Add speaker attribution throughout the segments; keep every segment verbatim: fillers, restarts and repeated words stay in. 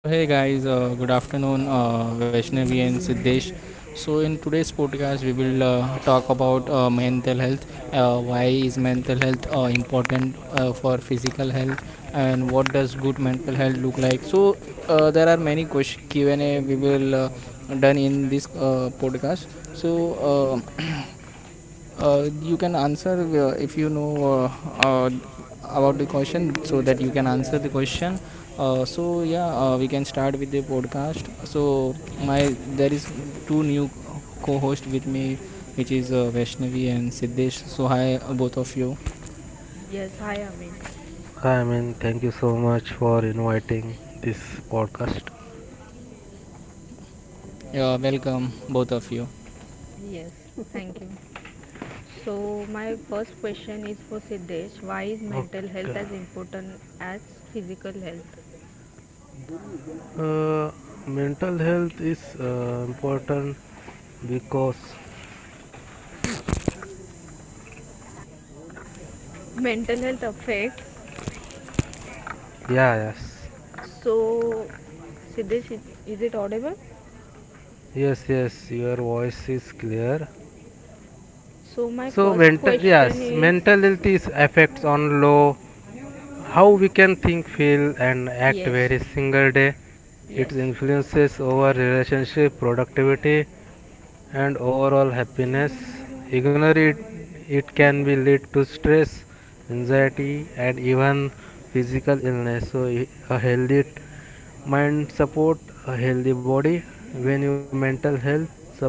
Speaker 1: So hey guys, uh, good afternoon, uh, Vaishnavi and Siddesh. So in today's podcast, we will uh, talk about uh, mental health. Uh, why is mental health uh, important uh, for physical health, and what does good mental health look like? So uh, there are many questions Q and A we will uh, done in this uh, podcast. So. Uh, Uh, you can answer uh, if you know uh, uh, about the question so that you can answer the question, uh, so yeah, uh, we can start with the podcast. So my there is two new co-host with me, which is uh, Vaishnavi and Siddesh. So hi, uh, both of you.
Speaker 2: I mean, thank you so much for inviting this podcast.
Speaker 1: Yeah, welcome both of you.
Speaker 2: Okay. uh, Mental health is uh, important because yeah, yes yes yes Your voice is clear. So mental, yes, mental health is affects on low how we can think, feel and act every single day. It influences our relationship, productivity and overall happiness. Ignore it, it can be lead to stress, anxiety, and even physical illness. So, a healthy mind support a healthy body. When your mental health suffer,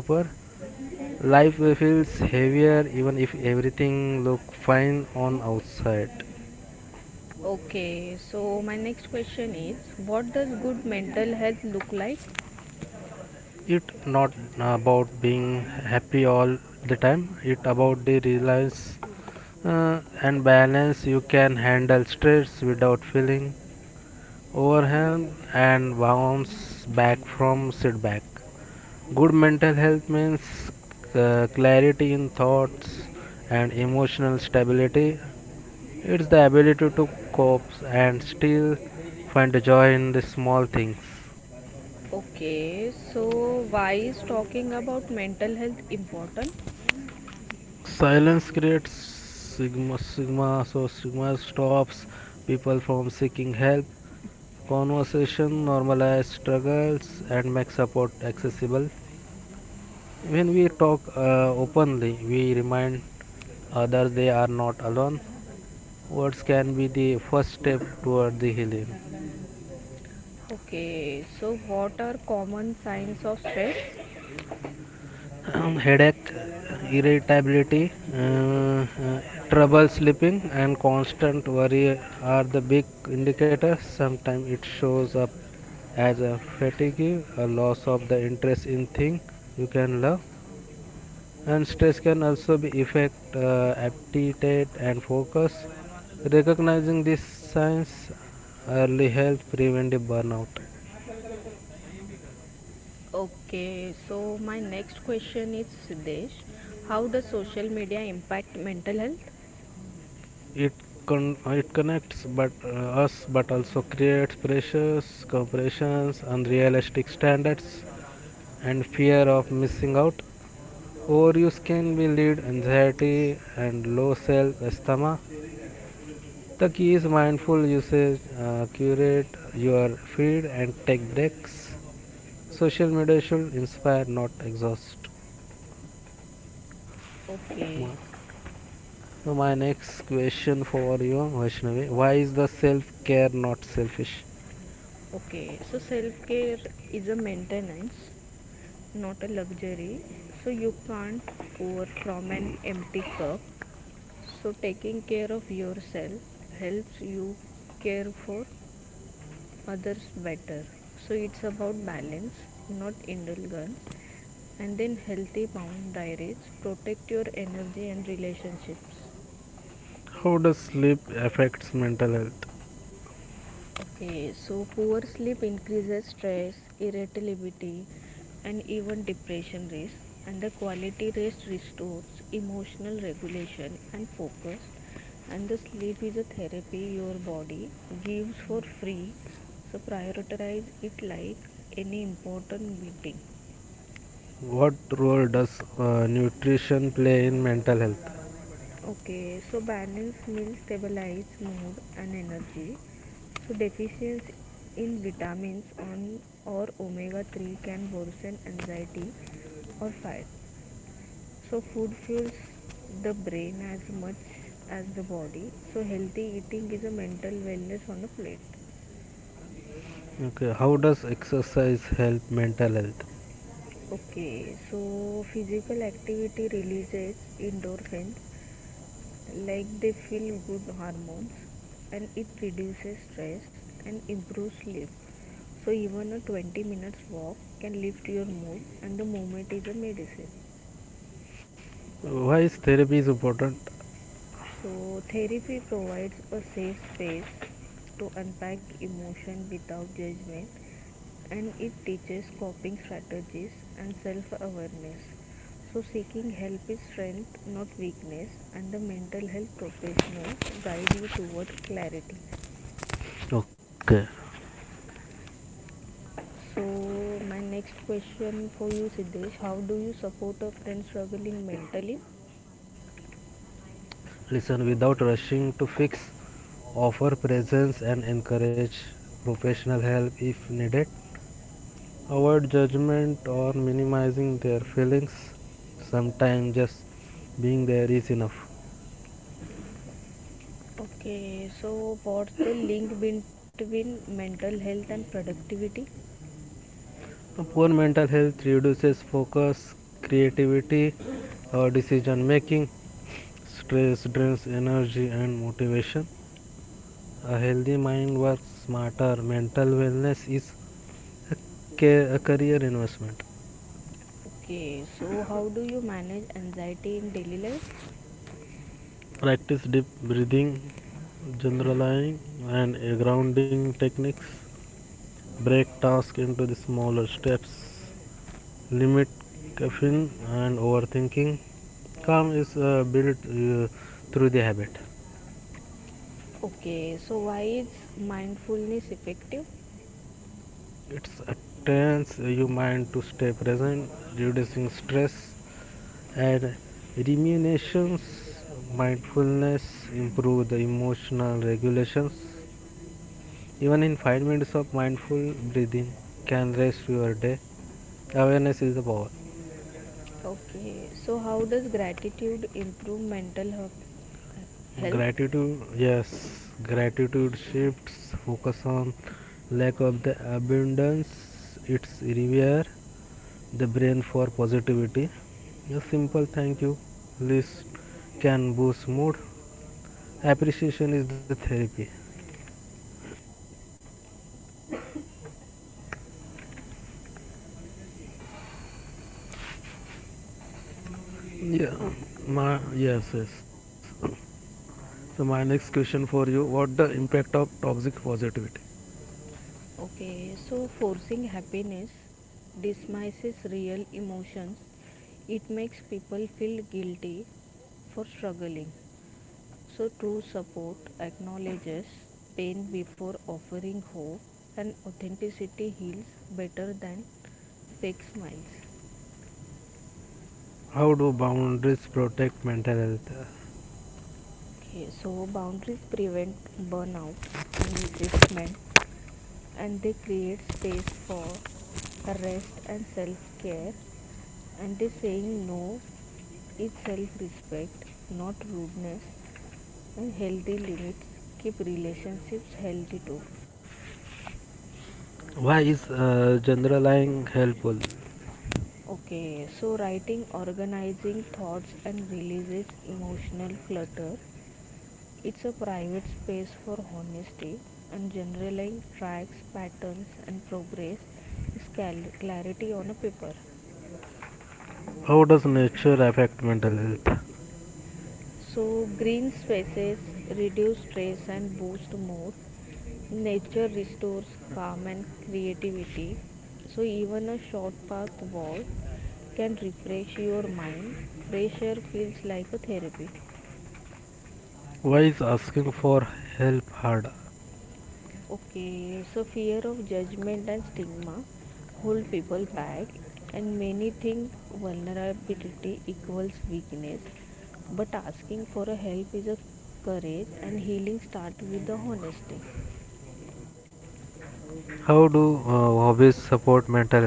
Speaker 2: life feels heavier even if everything look fine on outside. It not about being happy all the time. It about the reliance uh, and balance. You can handle stress without feeling overhand and bounce back from sit back. Good mental health means uh, clarity in thoughts and emotional stability. It's the ability to cope and still find joy in the small things. Silence creates sigma, sigma, so sigma stops people from seeking help. Conversation normalizes struggles and makes support accessible. When we talk uh, openly, we remind others they are not alone. Words can be the first step toward the healing. Headache, irritability, uh, uh, trouble sleeping, and constant worry are the big indicators. Sometimes it shows up as a fatigue, a loss of the interest in things you can love, and stress can also be affect uh, aptitude and focus. Recognizing these signs early helps prevent a burnout. It con- uh, it connects but uh, us, but also creates pressures, compressions, unrealistic standards and fear of missing out. Overuse can be lead anxiety and low self-esteem. The key is mindful usage. Uh, curate your feed and take breaks. Social media should inspire, not exhaust. So my next question for you, Vaishnavi, why is the self-care not selfish? How does sleep affects mental health? What role does uh, nutrition play in mental health? Okay, how does exercise help mental health? Why is therapy is important? Okay, listen, without rushing to fix, offer presence and encourage professional help if needed. Avoid judgment or minimizing their feelings. Sometimes just being there is enough. A poor mental health reduces focus, creativity, or decision making. Stress drains energy and motivation. A healthy mind works smarter. Mental wellness is a career investment. Practice deep breathing, generalizing, and uh, grounding techniques. Break tasks into the smaller steps, limit caffeine and overthinking. Calm is uh, built uh, through the habit. It trains your mind to stay present, reducing stress and ruminations. Mindfulness improves the emotional regulations. Even in five minutes of mindful breathing can rest your day. Awareness is the power. Gratitude, yes, gratitude shifts focus on lack of the abundance. It's rewire the brain for positivity. A simple thank you list can boost mood. Appreciation is the therapy. Yeah. My yes yes so my next question for you, what the impact of toxic positivity? How do boundaries protect mental health? Why is uh, generalizing helpful? How does nature affect mental health? Why is asking for help hard? How do uh, hobbies support mental health?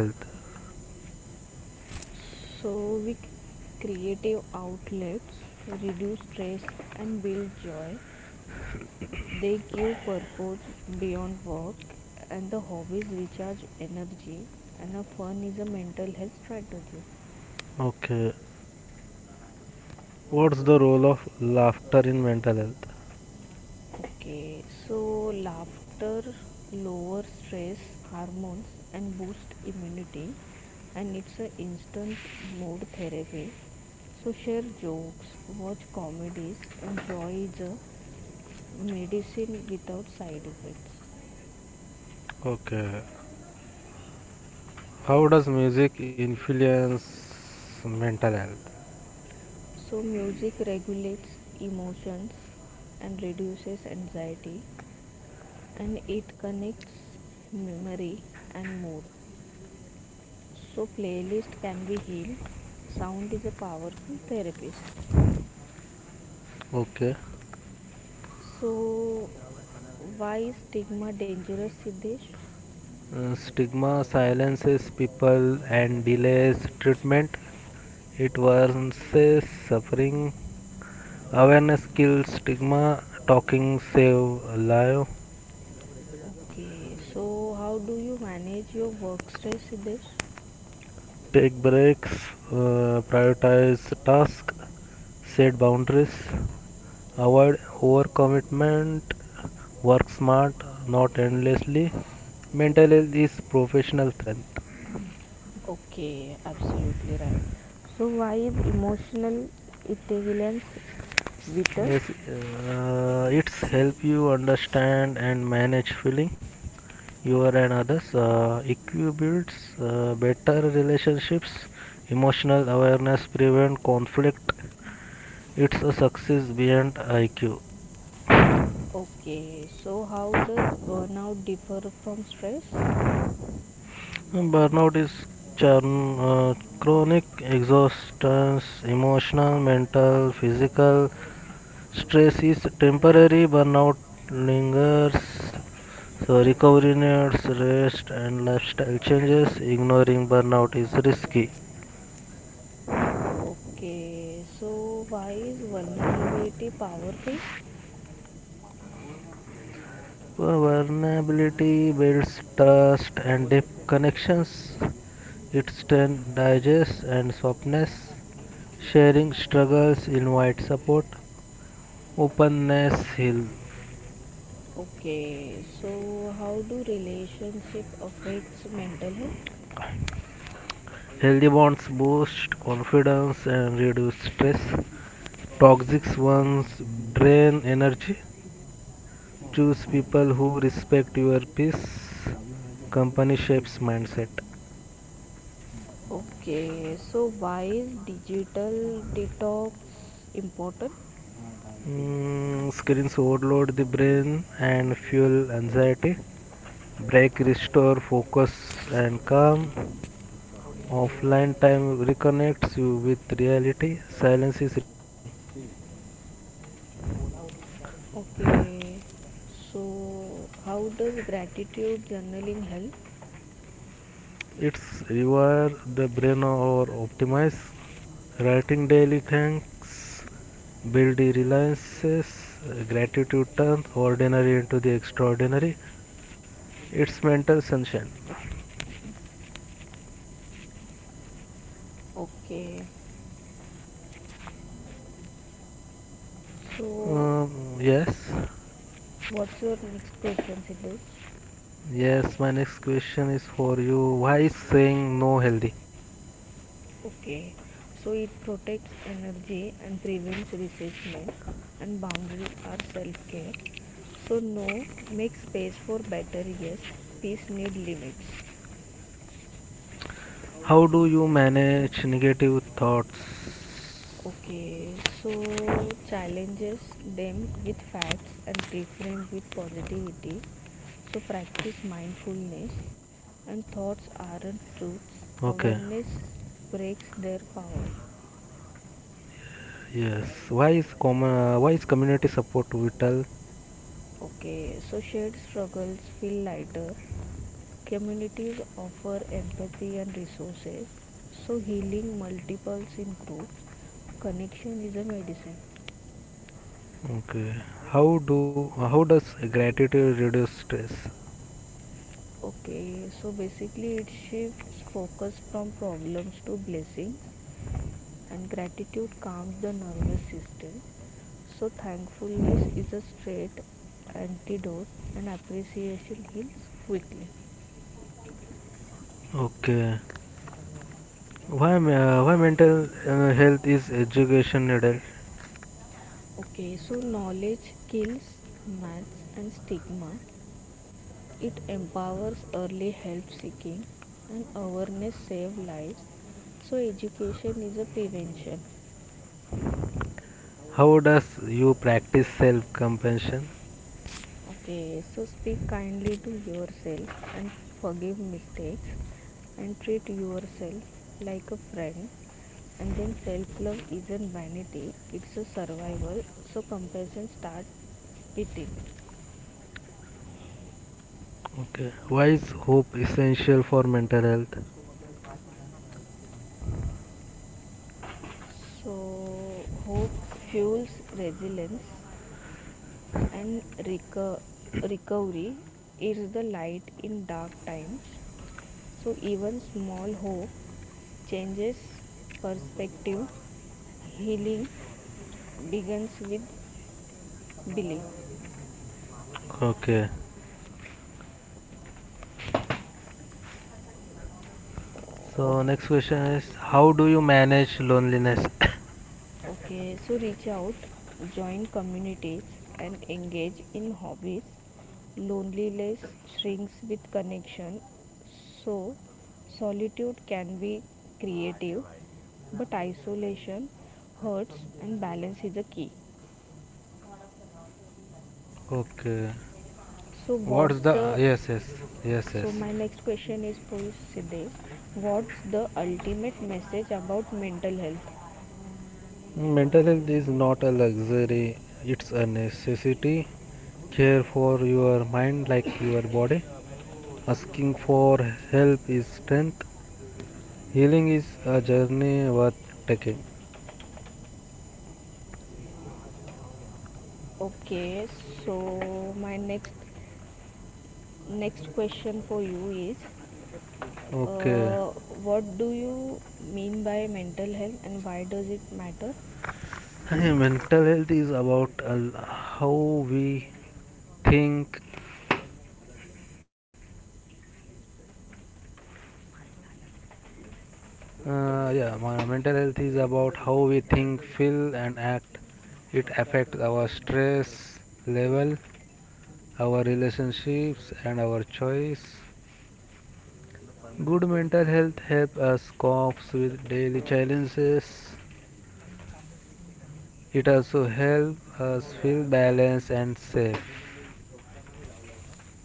Speaker 2: Okay. What's the role of laughter in mental health? Okay. How does music influence mental health? Okay. Uh, stigma silences people and delays treatment. It worsens suffering. Awareness kills stigma. Talking save life. Take breaks, uh, prioritize tasks, set boundaries, avoid overcommitment, work smart, not endlessly. Mental health is professional strength. Yes, uh, it's help you understand and manage feeling you are and others. Uh, E Q builds uh, better relationships. Emotional awareness prevent conflict. It's a success beyond I Q. Burnout is churn, uh, chronic exhaustion, emotional, mental, physical. Stress is temporary, burnout lingers. So, recovery needs rest and lifestyle changes. Ignoring burnout is risky. Vulnerability builds trust and deep connections. It strengthens and softness. Sharing struggles invite support. Openness heals. Healthy bonds boost confidence and reduce stress. Toxic ones drain energy. Choose people who respect your peace. Company shapes mindset. Mm, screens overload the brain and fuel anxiety. Break, restore focus and calm. Offline time reconnects you with reality. Silence is refreshing. It's require the brain or optimize writing daily thanks, build the reliances. Uh, gratitude turns ordinary into the extraordinary. It's mental sunshine. Um, yes, yes. My next question is for you. Why is saying no healthy? How do you manage negative thoughts? Okay. Yes. Why is com- uh, why is community support vital? Okay. How do how does gratitude reduce stress? Okay. Why me- uh, why mental uh, health is education needed? How does you practice self compassion? Okay. Why is hope essential for mental health? Okay. So next question is, how do you manage loneliness? Okay. What's the yes yes yes yes. Mental health is not a luxury; it's a necessity. Care for your mind like your body. Asking for help is strength. Healing is a journey worth taking. Okay. Mental health is about al- how we think. Uh, yeah, my mental health is about how we think, feel and act. It affects our stress level, our relationships and our choice. Good mental health helps us cope with daily challenges. It also helps us feel balanced and safe.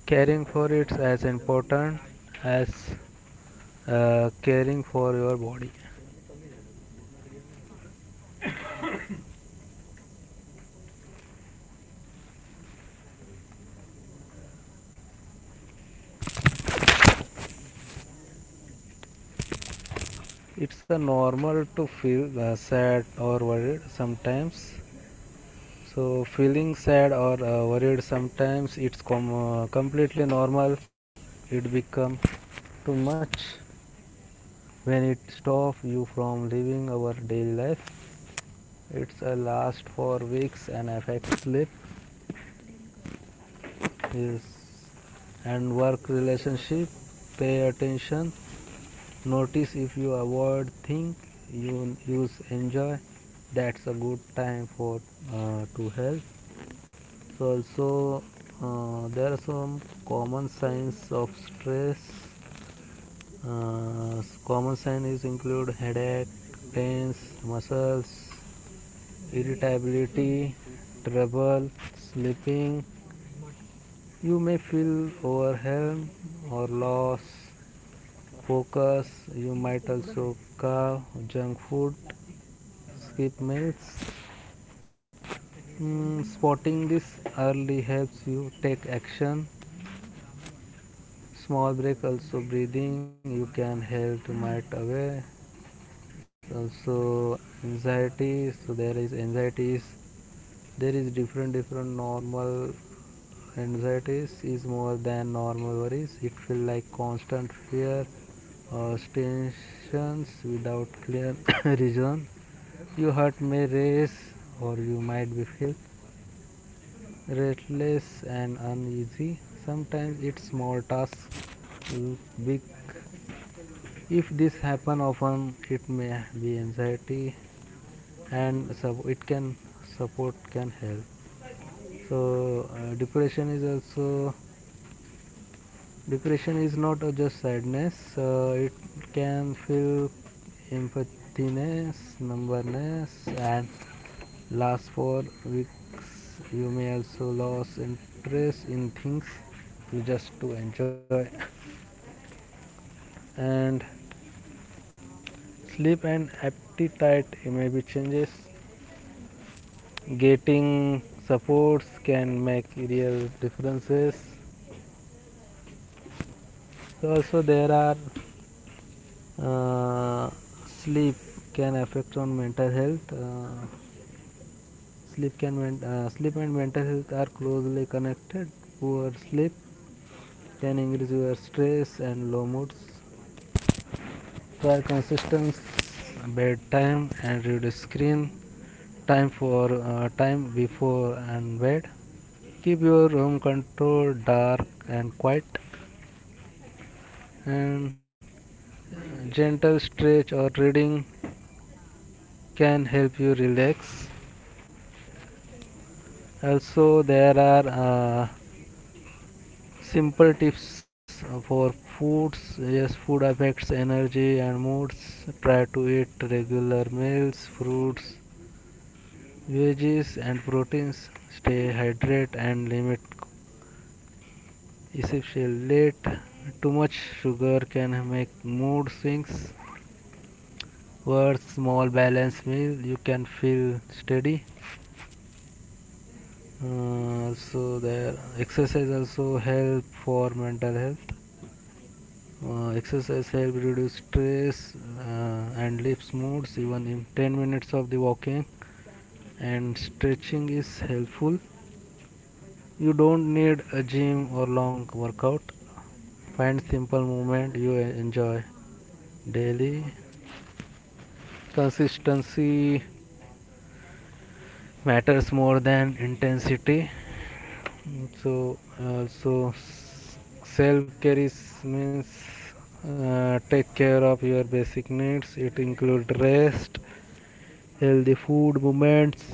Speaker 2: Caring for it's as important as uh, caring for your body. It's a normal to feel uh, sad or worried sometimes. So feeling sad or uh, worried sometimes it's com- uh, completely normal. It become too much when it stops you from living our daily life. It's a last for weeks and affects sleep, yes, and work relationship. Pay attention, notice if you avoid think, you use enjoy. That's a good time for uh, to help. So also uh, there are some common signs of stress. uh, Common signs include headache, pains, muscles, irritability, trouble sleeping. You may feel overwhelmed or lost. Focus. You might also crave junk food, skip meals. Mm, spotting this early helps you take action. Small break also breathing you can help to might away. Also anxieties. So there is anxieties. There is different different normal. Anxiety is more than normal worries. It feels like constant fear or tensions without clear reason. Your heart may race or you might be feel restless and uneasy. Sometimes it's small tasks look big. If this happen often, it may be anxiety and so it can support can help. So uh, depression is also depression is not uh, just sadness, uh, it can feel emptiness, numbness, and last for weeks. You may also lose interest in things you just to enjoy. And sleep and appetite may be changes. Getting supports can make real differences. So also there are uh, sleep can affect on mental health. Uh, Sleep can uh, sleep and mental health are closely connected. Poor sleep can increase your stress and low moods. Try consistent bedtime and reduce screen time for uh, time before and bed. Keep your room control dark and quiet. And gentle stretch or reading can help you relax. Also, there are uh, simple tips for foods, yes, food affects energy and moods. Try to eat regular meals, fruits, veggies and proteins. Stay hydrated and limit essential late. Too much sugar can make mood swings. For small balanced meal you can feel steady. Uh, so the exercise also help for mental health. Uh, exercise helps reduce stress uh, and lifts moods. Even in ten minutes of the walking and stretching is helpful. You don't need a gym or long workout. Find simple movement you e- enjoy daily. Consistency matters more than intensity. Mm, so uh, so self care is means uh, take care of your basic needs. It includes rest, healthy food moments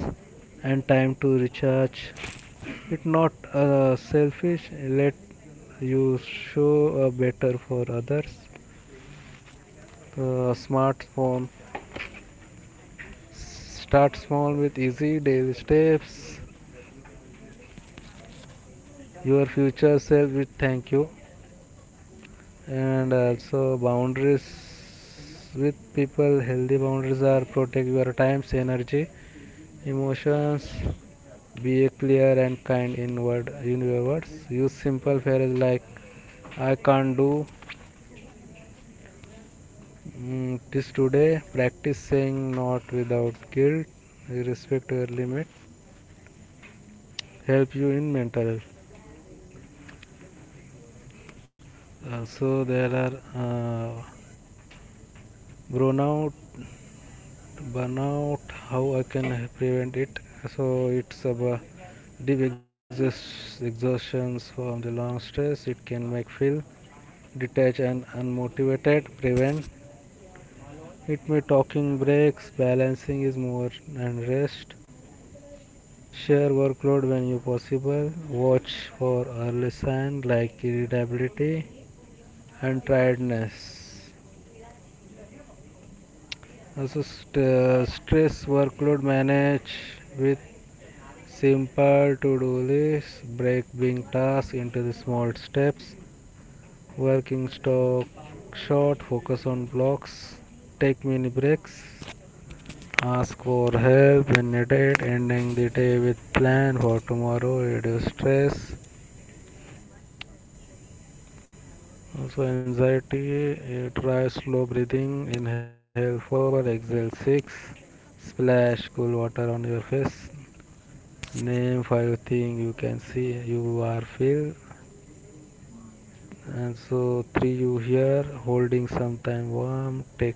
Speaker 2: and time to recharge. It's not uh, selfish. Let you show uh, better for others. Uh, smartphone. Start small with easy daily steps. Your future self will thank you. And also boundaries with people. Healthy boundaries are protect your times, energy, emotions. Be clear and kind in word, in your words, use simple phrases like I can't do, mm, this today. Practice saying not without guilt. Respect your limit, help you in mental health. Uh, so there are uh, burnout burnout how I can prevent it? So it's about deep exhaust, exhaustions from the long stress. It can make feel detach and unmotivated. Prevent it may talking breaks, balancing is more and rest. Share workload when you possible. Watch for early signs like irritability and tiredness. Also st- uh, stress workload manage with simple to-do list. Break big tasks into the small steps. Working stock, short focus on blocks, take mini breaks. Ask for help when needed, ending the day with plan for tomorrow, reduce stress. Also anxiety, eh, try slow breathing, inhale four, exhale six, splash cool water on your face, name five things you can see, you are feel, and so three you hear, holding sometime warm, take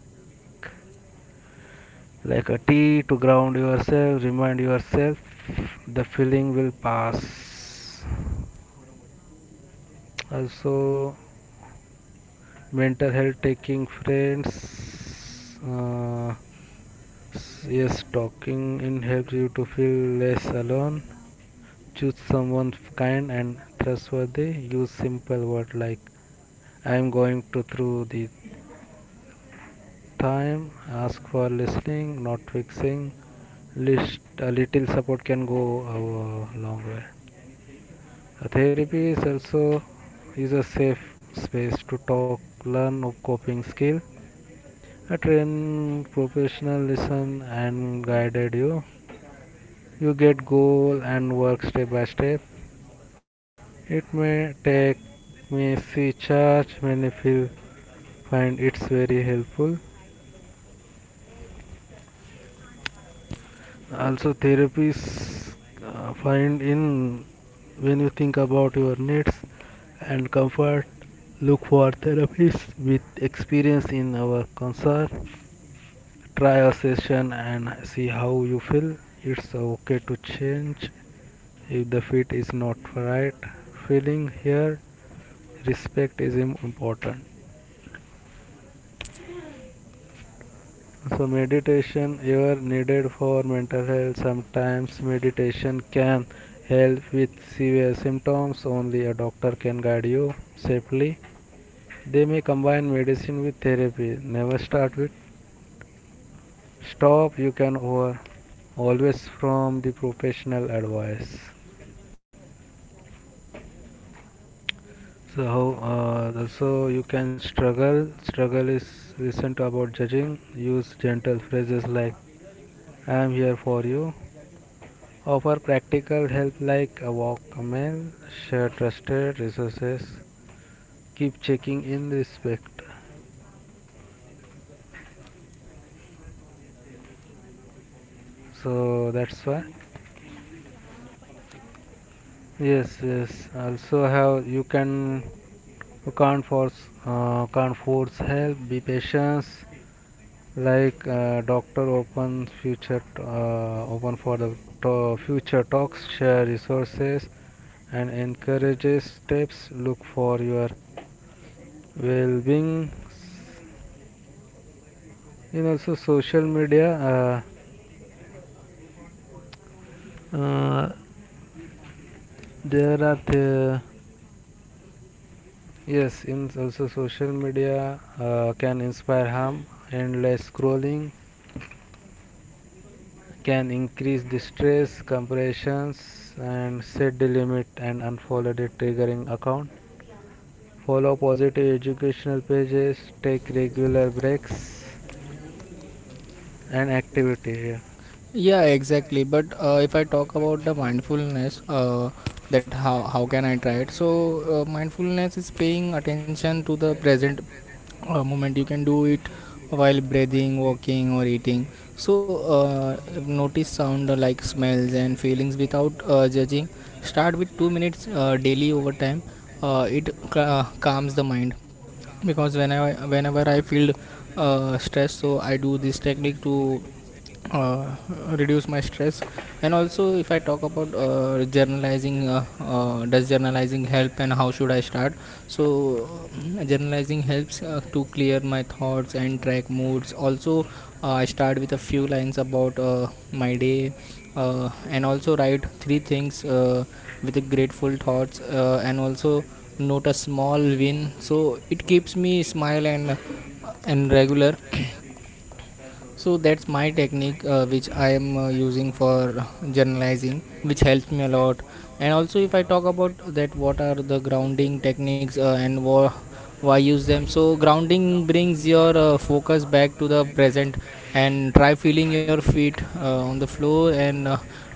Speaker 2: like a tea to ground yourself. Remind yourself the feeling will pass. Also, mental health taking friends, uh, yes, talking in helps you to feel less alone. Choose someone kind and trustworthy. Use simple words like I am going to through the time. Ask for listening, not fixing. List a little support can go a long way. A therapy is also is a safe space to talk. Learn of coping skill. A trained professional listen and guided you, you get goal and work step by step. It may take me see charge when I feel, find it's very helpful. Also therapists, uh, find in when you think about your needs and comfort. Look for therapists with experience in our concern. Try a session and see how you feel. It's okay to change if the fit is not right. Feeling here, respect is important. So meditation ever needed for mental health? Sometimes meditation can help with severe symptoms. Only a doctor can guide you safely. They may combine medicine with therapy. Never start with stop. You can over always from the professional advice. So, uh, also you can struggle. Struggle is recent about judging. Use gentle phrases like "I am here for you." Offer practical help like a walk, a meal, share trusted resources. Keep checking in respect. So that's why. Yes, yes. Also how you can, you can't force uh, can't force help. Be patient. Like uh, doctor open future, uh, open for the to- future talks. Share resources and encourages steps. Look for your well-being in also social media, uh, uh, there are the yes in also social media, uh, can inspire harm. Endless scrolling can increase the stress comparisons and set the limit and unfollow the triggering account. Follow positive educational pages, take regular breaks and activities.
Speaker 1: Yeah, exactly. But uh, if I talk about the mindfulness, uh, that how how can I try it? So uh, mindfulness is paying attention to the present uh, moment. You can do it while breathing, walking, or eating. So uh, notice sound uh, like smells and feelings without uh, judging. Start with two minutes uh, daily over time. Uh, it ca- calms the mind, because whenever whenever I feel uh, stress, so I do this technique to uh, reduce my stress. And also, if I talk about uh, journalizing, uh, uh, does journalizing help and how should I start? So, uh, journalizing helps uh, to clear my thoughts and track moods. Also, uh, I start with a few lines about uh, my day uh, and also write three things uh, with grateful thoughts uh, and also note a small win, so it keeps me smile and uh, and regular. So that's my technique, uh, which I am uh, using for journalizing, which helps me a lot. And also, if I talk about that, what are the grounding techniques uh, and wha- why use them? So grounding brings your uh, focus back to the present, and try feeling your
Speaker 2: Yeah.
Speaker 1: feet uh, on the floor and uh,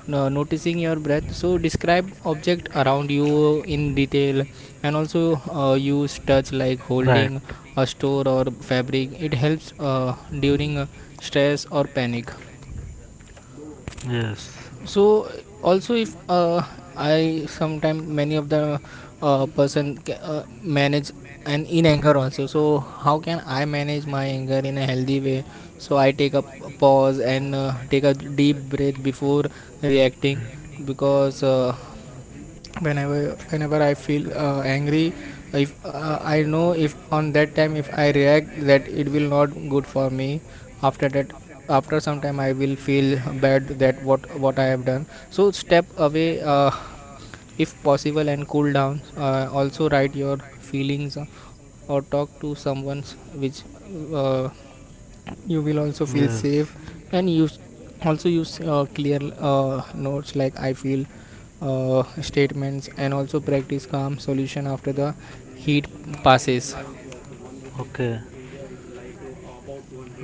Speaker 1: no- noticing your breath. So describe object around you in detail, and also uh, use touch like
Speaker 2: Right.
Speaker 1: holding a store or fabric. It helps uh, during uh, stress or panic.
Speaker 2: Yes.
Speaker 1: So also, if uh, I sometime many of the uh, person ca- uh, manage and in anger also. So how can I manage my anger in a healthy way? So I take a p- pause and uh, take a deep breath before reacting, because uh, whenever whenever I feel uh, angry, if uh, I know, if on that time if I react, that it will not good for me. After that, after some time, I will feel bad that what what I have done. So step away uh, if possible and cool down. Uh, also write your feelings uh, or talk to someone, which uh, you will also feel
Speaker 2: Yes.
Speaker 1: safe. And use also use uh, clear uh, notes like "I feel" uh, statements, and also practice calm solution after the heat passes.
Speaker 2: Okay.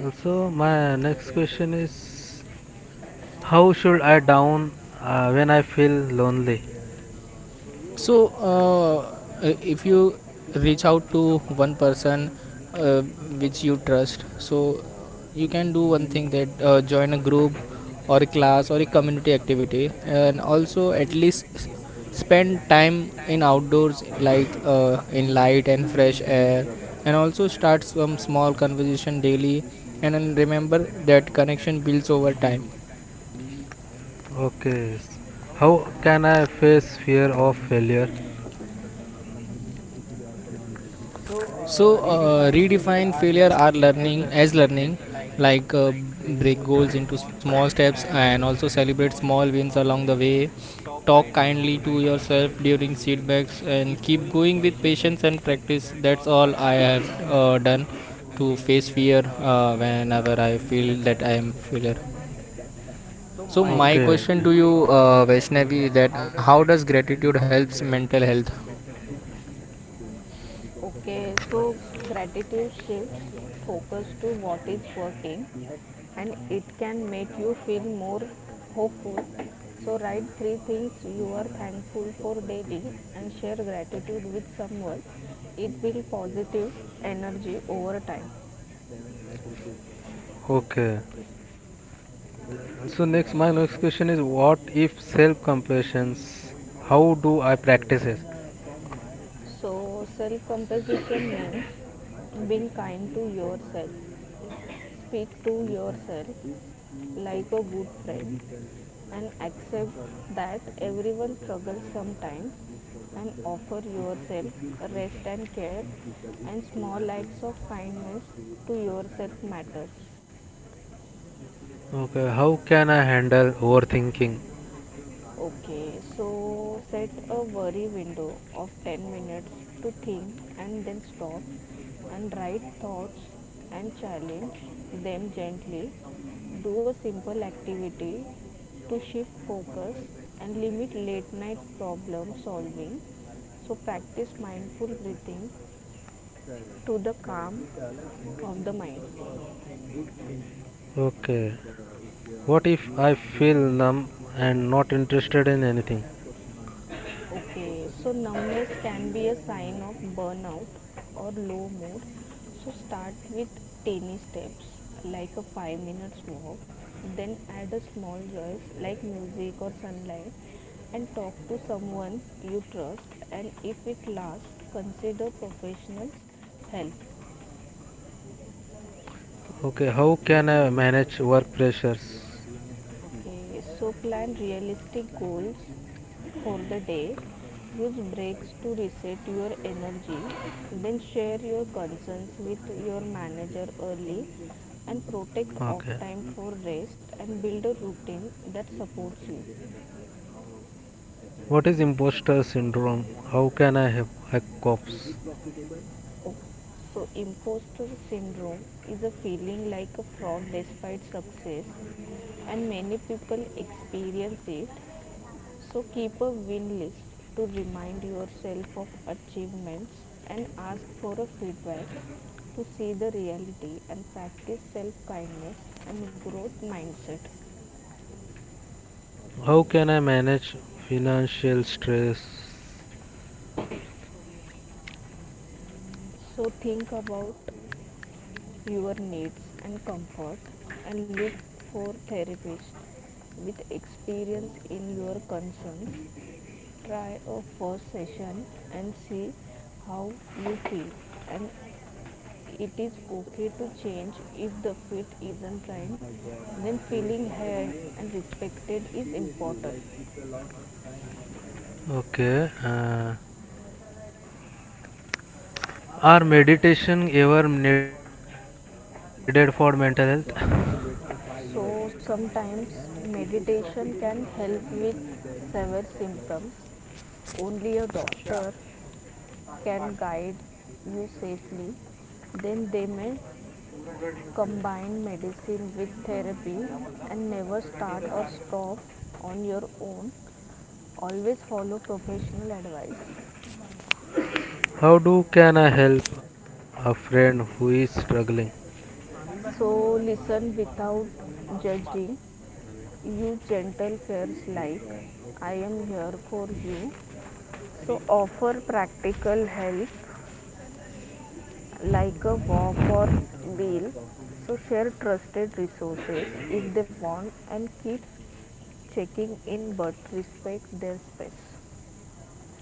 Speaker 2: Also, my next question is, how should I down uh, when I feel lonely?
Speaker 3: Yes. Uh, so yes,
Speaker 1: So,
Speaker 3: I like uh, and
Speaker 1: uh, if
Speaker 3: uh, uh,
Speaker 1: you
Speaker 3: actually
Speaker 1: reach out
Speaker 3: uh,
Speaker 1: to
Speaker 3: my
Speaker 1: one
Speaker 3: point
Speaker 1: person
Speaker 3: is uh,
Speaker 1: uh,
Speaker 3: like
Speaker 1: which
Speaker 3: importance
Speaker 1: you
Speaker 3: of
Speaker 1: trust,
Speaker 3: money.
Speaker 1: so
Speaker 3: You
Speaker 1: uh, you can
Speaker 3: know,
Speaker 1: do one thing, that
Speaker 3: individuals like
Speaker 1: uh,
Speaker 3: that is
Speaker 1: join a
Speaker 3: very,
Speaker 1: group or a
Speaker 3: like that
Speaker 1: class
Speaker 3: is
Speaker 1: or
Speaker 3: the
Speaker 1: a
Speaker 3: importance
Speaker 1: community
Speaker 3: of learning,
Speaker 1: activity,
Speaker 3: right? And
Speaker 1: and
Speaker 3: like
Speaker 1: also
Speaker 3: uh,
Speaker 1: at least
Speaker 3: if
Speaker 1: s-
Speaker 3: uh, someone is
Speaker 1: spend time in
Speaker 3: taking issue of
Speaker 1: outdoors, like uh, in
Speaker 3: money.
Speaker 1: light
Speaker 3: He
Speaker 1: and
Speaker 3: is in
Speaker 1: fresh
Speaker 3: a big
Speaker 1: air,
Speaker 3: trouble,
Speaker 1: and also
Speaker 3: I would
Speaker 1: start
Speaker 3: say.
Speaker 1: some
Speaker 3: For
Speaker 1: small
Speaker 3: example,
Speaker 1: conversation
Speaker 3: like
Speaker 1: daily.
Speaker 3: if you
Speaker 1: And then
Speaker 3: have like,
Speaker 1: remember
Speaker 3: some
Speaker 1: that
Speaker 3: problem,
Speaker 1: connection
Speaker 3: like
Speaker 1: builds
Speaker 3: some
Speaker 1: over time.
Speaker 3: disease, you have like
Speaker 2: Okay. s-
Speaker 3: you should
Speaker 2: How
Speaker 3: have
Speaker 2: can I
Speaker 3: at
Speaker 2: face fear of
Speaker 3: money in
Speaker 2: failure?
Speaker 3: your bank account or something to cure that disease. So
Speaker 1: So
Speaker 3: uh,
Speaker 1: uh,
Speaker 3: redefine failure
Speaker 1: redefine
Speaker 3: are
Speaker 1: failure are
Speaker 3: learning as
Speaker 1: learning as
Speaker 3: learning,
Speaker 1: learning,
Speaker 3: like uh,
Speaker 1: like uh,
Speaker 3: break
Speaker 1: break
Speaker 3: goals
Speaker 1: goals
Speaker 3: into
Speaker 1: into
Speaker 3: small
Speaker 1: small
Speaker 3: steps
Speaker 1: steps,
Speaker 3: and
Speaker 1: and
Speaker 3: also
Speaker 1: also
Speaker 3: celebrate
Speaker 1: celebrate
Speaker 3: small
Speaker 1: small
Speaker 3: wins
Speaker 1: wins
Speaker 3: along the
Speaker 1: along the
Speaker 3: way.
Speaker 1: way.
Speaker 3: Talk
Speaker 1: Talk
Speaker 3: kindly to
Speaker 1: kindly to
Speaker 3: yourself
Speaker 1: yourself
Speaker 3: during
Speaker 1: during
Speaker 3: feedbacks
Speaker 1: setbacks
Speaker 3: and
Speaker 1: and
Speaker 3: keep
Speaker 1: keep
Speaker 3: going
Speaker 1: going
Speaker 3: with
Speaker 1: with
Speaker 3: patience and
Speaker 1: patience and
Speaker 3: practice.
Speaker 1: practice.
Speaker 3: That's
Speaker 1: That's
Speaker 3: all I
Speaker 1: all I
Speaker 3: have
Speaker 1: have
Speaker 3: uh,
Speaker 1: uh,
Speaker 3: done
Speaker 1: done
Speaker 3: to
Speaker 1: to
Speaker 3: face
Speaker 1: face
Speaker 3: fear
Speaker 1: fear
Speaker 3: uh,
Speaker 1: uh,
Speaker 3: whenever I
Speaker 1: whenever I
Speaker 3: feel
Speaker 1: feel
Speaker 3: that I
Speaker 1: that
Speaker 3: am
Speaker 1: I am failure.
Speaker 3: failure. So
Speaker 1: So
Speaker 3: my
Speaker 1: my
Speaker 2: Okay.
Speaker 3: question to
Speaker 1: question
Speaker 3: you,
Speaker 1: to you,
Speaker 3: uh,
Speaker 1: uh,
Speaker 3: Vaishnavi, is
Speaker 1: Vaishnavi,
Speaker 3: that
Speaker 1: that
Speaker 3: how does
Speaker 1: how does
Speaker 3: gratitude
Speaker 1: gratitude
Speaker 3: help
Speaker 1: helps
Speaker 3: mental
Speaker 1: mental health?
Speaker 3: health? Okay, so gratitude shifts focus to what is working and it can make you feel more hopeful. So, write three things you are thankful for daily and share gratitude with someone. It will positive energy over time.
Speaker 2: Health? Okay. So next, my next question is, what if self-compassion? How do I practice it?
Speaker 3: So, self compassion means being kind to yourself. Speak to yourself like a good friend and accept that everyone struggles sometimes and offer yourself rest and care and small acts of kindness to yourself matters.
Speaker 2: Okay. How can I handle overthinking?
Speaker 3: Okay, so set a worry window of ten minutes to think and then stop and write thoughts and challenge them gently. Do a simple activity to shift focus and limit late night problem solving. So practice mindful breathing. Correct. To the calm uh, like of the mind. Good thing. Uh,
Speaker 2: Okay.
Speaker 3: like uh, if uh,
Speaker 2: What
Speaker 3: you
Speaker 2: if I
Speaker 3: are doing
Speaker 2: feel
Speaker 3: investment,
Speaker 2: numb
Speaker 3: it's a good
Speaker 2: and not
Speaker 3: thing. Like
Speaker 2: interested in
Speaker 3: I
Speaker 2: anything?
Speaker 3: have a question on this. Okay, so numbness can be a sign of burnout or low mood, so start with tiny steps like a five minutes walk, then add a small joys like music or sunlight and talk to someone you trust and if it lasts consider professionals help.
Speaker 2: Okay. How can
Speaker 3: That's
Speaker 2: I
Speaker 3: really very
Speaker 2: manage
Speaker 3: nice.
Speaker 2: work
Speaker 3: Like
Speaker 2: pressures?
Speaker 3: you are doing a cycle. Okay, so plan realistic goals for the day. Use breaks to reset your energy. Then share your concerns with your manager early and protect off
Speaker 2: Okay.
Speaker 3: time for rest and build a routine that supports you.
Speaker 2: What is imposter syndrome?
Speaker 3: like
Speaker 2: How can I help? I cope?
Speaker 3: uh, is it profitable? Okay. So, imposter syndrome is a feeling like a fraud despite success, and many people experience it. So, keep a win list to remind yourself of achievements and ask for a feedback to see the reality and practice self kindness and growth mindset.
Speaker 2: How can I manage financial stress?
Speaker 3: So think about your needs and comfort and look for therapists with experience in your concerns. Try a first session and see how you feel and it is okay to change if the fit isn't right, then feeling heard and respected is important.
Speaker 2: Okay. Uh, are meditation ever needed for mental health?
Speaker 3: So So sometimes meditation can help with severe symptoms. Only a doctor can guide you safely. Then they may combine medicine with therapy and never start or stop on your own. Always follow professional advice.
Speaker 2: How do can I help a friend who is struggling?
Speaker 3: So listen without judging, you gentle fairs like I am here for you. So offer practical help like a walk or meal. So share trusted resources if they want and keep checking in but respect their space.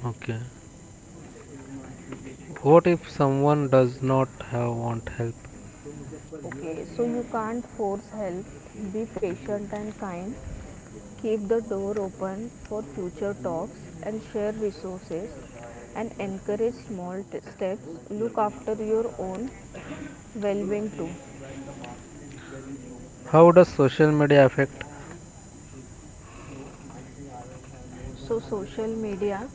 Speaker 2: Okay. What if someone does not have want help?
Speaker 3: Okay, so you can't force help, be patient and kind. Keep the door open for future talks and share resources and encourage small steps. Look after your own well being too.
Speaker 2: How does social media affect?
Speaker 3: So, social media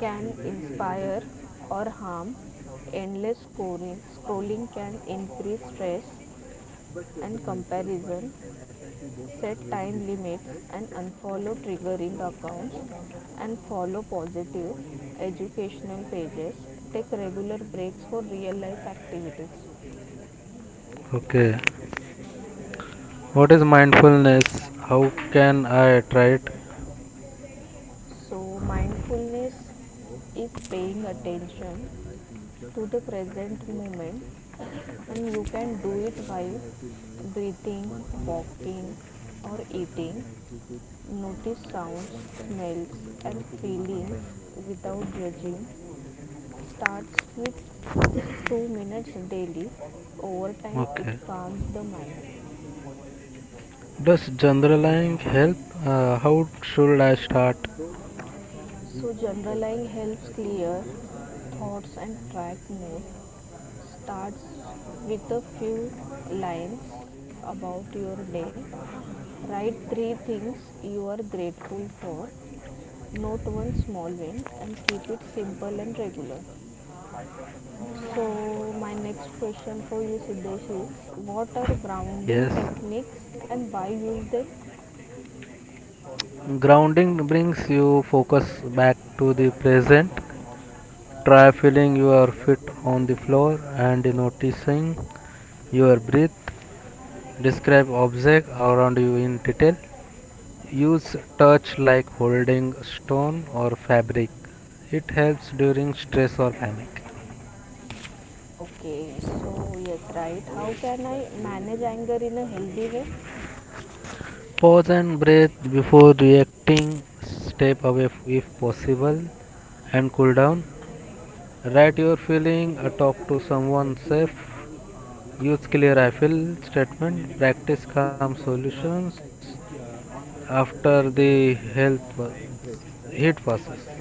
Speaker 3: can inspire or harm. Endless scoring, scrolling can increase stress and comparison, set time limits and unfollow triggering accounts and follow positive educational pages, take regular breaks for real life activities.
Speaker 2: Okay. What is mindfulness? How can I try it?
Speaker 3: So mindfulness is paying attention to the present moment and you can do it while breathing, walking, or eating. Notice sounds, smells, and feelings without judging. Starts with two minutes daily. Over time, it
Speaker 2: Okay.
Speaker 3: calms the mind.
Speaker 2: Does journaling help? Uh, how should I start?
Speaker 3: So journaling helps clear thoughts and track more. Starts with a few lines about your day. Write three things you are grateful for. Note one small win and keep it simple and regular. So my next question for you Siddesh is, what are
Speaker 2: Yes.
Speaker 3: grounding techniques and why use them?
Speaker 2: Grounding brings you focus back to the present. Try feeling your feet on the floor and noticing your breath. Describe objects around you in detail. Use touch like holding stone or fabric. It helps during stress or panic.
Speaker 3: Okay, so yes, right. How can I manage anger in a healthy way? So
Speaker 2: Pause and breathe before reacting. Step away if possible and cool down. Write your feeling, uh,
Speaker 3: basically,
Speaker 2: talk to
Speaker 3: like
Speaker 2: someone
Speaker 3: F D
Speaker 2: safe,
Speaker 3: is all uh, like
Speaker 2: use
Speaker 3: uh,
Speaker 2: clear
Speaker 3: for example,
Speaker 2: ifel
Speaker 3: if we
Speaker 2: statement,
Speaker 3: fix
Speaker 2: practice calm
Speaker 3: deposit amount,
Speaker 2: solutions
Speaker 3: like if uh, on that money
Speaker 2: after
Speaker 3: we will
Speaker 2: the
Speaker 3: get the sum of
Speaker 2: health wa-
Speaker 3: the interest, right?
Speaker 2: heat passes.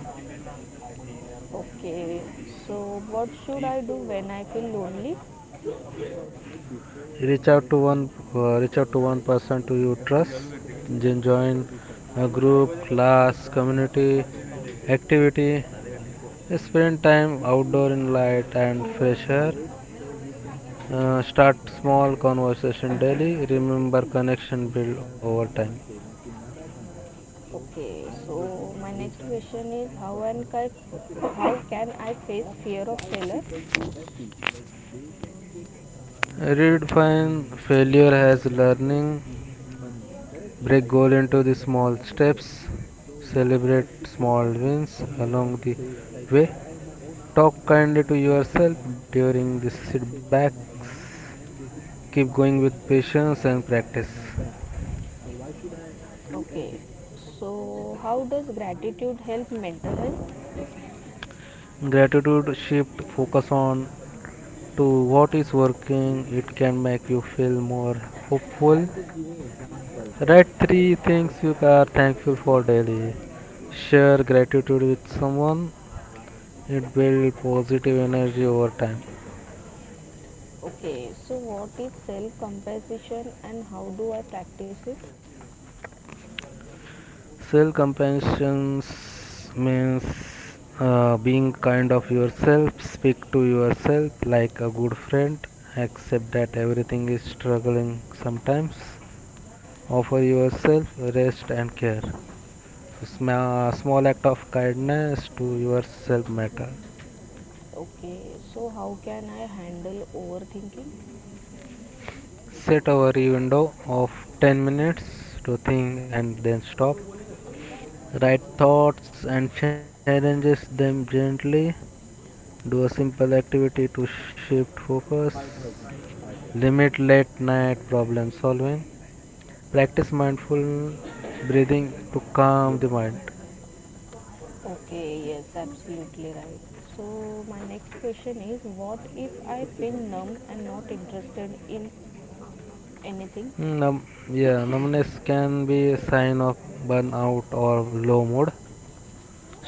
Speaker 3: Okay, so what should I do when I feel lonely? Before like before
Speaker 2: reach out to one
Speaker 3: investing
Speaker 2: uh,
Speaker 3: or
Speaker 2: Reach
Speaker 3: before
Speaker 2: out to one
Speaker 3: like uh,
Speaker 2: person to
Speaker 3: putting
Speaker 2: you
Speaker 3: F D,
Speaker 2: trust,
Speaker 3: so then you
Speaker 2: then
Speaker 3: had a
Speaker 2: join
Speaker 3: research.
Speaker 2: a
Speaker 3: Like,
Speaker 2: group
Speaker 3: you had
Speaker 2: class
Speaker 3: done some of
Speaker 2: community
Speaker 3: it. So then, like
Speaker 2: activity.
Speaker 3: I have one question. Like,
Speaker 2: Spend time
Speaker 3: if you
Speaker 2: outdoor in
Speaker 3: are
Speaker 2: light
Speaker 3: like
Speaker 2: and
Speaker 3: uh,
Speaker 2: fresh
Speaker 3: have
Speaker 2: air.
Speaker 3: knowledge, so you can do me
Speaker 2: Uh, start
Speaker 3: concern.
Speaker 2: small
Speaker 3: So I
Speaker 2: conversation
Speaker 3: mean,
Speaker 2: daily.
Speaker 3: like
Speaker 2: Remember
Speaker 3: uh, see, I
Speaker 2: connection
Speaker 3: also
Speaker 2: build
Speaker 3: have
Speaker 2: over
Speaker 3: some
Speaker 2: time.
Speaker 3: of my savings in my bank account. So okay, so my next question is how ten and I, how can I face fear of failure? Like get uh, in, like uh, money.
Speaker 2: Redefine
Speaker 3: Like
Speaker 2: failure as
Speaker 3: their bank is also
Speaker 2: learning.
Speaker 3: giving money, correct?
Speaker 2: Break
Speaker 3: Like
Speaker 2: goal
Speaker 3: uh,
Speaker 2: into the
Speaker 3: in the form
Speaker 2: small
Speaker 3: of interest.
Speaker 2: steps.
Speaker 3: So why
Speaker 2: Celebrate
Speaker 3: I should do
Speaker 2: small
Speaker 3: F D
Speaker 2: wins
Speaker 3: instead
Speaker 2: along
Speaker 3: of
Speaker 2: the
Speaker 3: say, like
Speaker 2: way.
Speaker 3: I have my own account,
Speaker 2: Talk
Speaker 3: I have
Speaker 2: kindly
Speaker 3: my
Speaker 2: to
Speaker 3: savings
Speaker 2: yourself
Speaker 3: account,
Speaker 2: during
Speaker 3: and
Speaker 2: the
Speaker 3: I am
Speaker 2: setbacks.
Speaker 3: saving some of money and I am getting
Speaker 2: Keep going
Speaker 3: some
Speaker 2: with
Speaker 3: of the interest
Speaker 2: patience
Speaker 3: by
Speaker 2: and
Speaker 3: by
Speaker 2: practice.
Speaker 3: my bank. So why should I do F D? Okay, so how does gratitude help mental health?
Speaker 2: Gratitude shift focus on to what is working. It can make you feel more
Speaker 3: I
Speaker 2: hopeful.
Speaker 3: am just giving example,
Speaker 2: Write
Speaker 3: but
Speaker 2: three
Speaker 3: uh, like
Speaker 2: things you
Speaker 3: just
Speaker 2: are thankful for
Speaker 3: just
Speaker 2: daily. Share gratitude with someone. It builds positive energy over time.
Speaker 3: okay, so what is self compassion and how do I practice it?
Speaker 2: Self compassion means uh, being kind of yourself, speak to yourself like a good friend, accept that everything is struggling sometimes, offer yourself rest and care. So sma- small act of kindness to yourself matter.
Speaker 3: Okay, so how can I handle overthinking?
Speaker 2: Set a worry window of ten minutes to think and then stop. Write thoughts and challenges them gently. Do a simple activity to shift focus,
Speaker 3: Five thousand.
Speaker 2: limit late night problem solving, practice mindful breathing to calm the
Speaker 3: Yes.
Speaker 2: mind.
Speaker 3: Okay, yes, absolutely right. So my next question is what if I feel numb and not interested in anything?
Speaker 2: Mm, num- yeah, numbness can be a sign of burnout or low mood.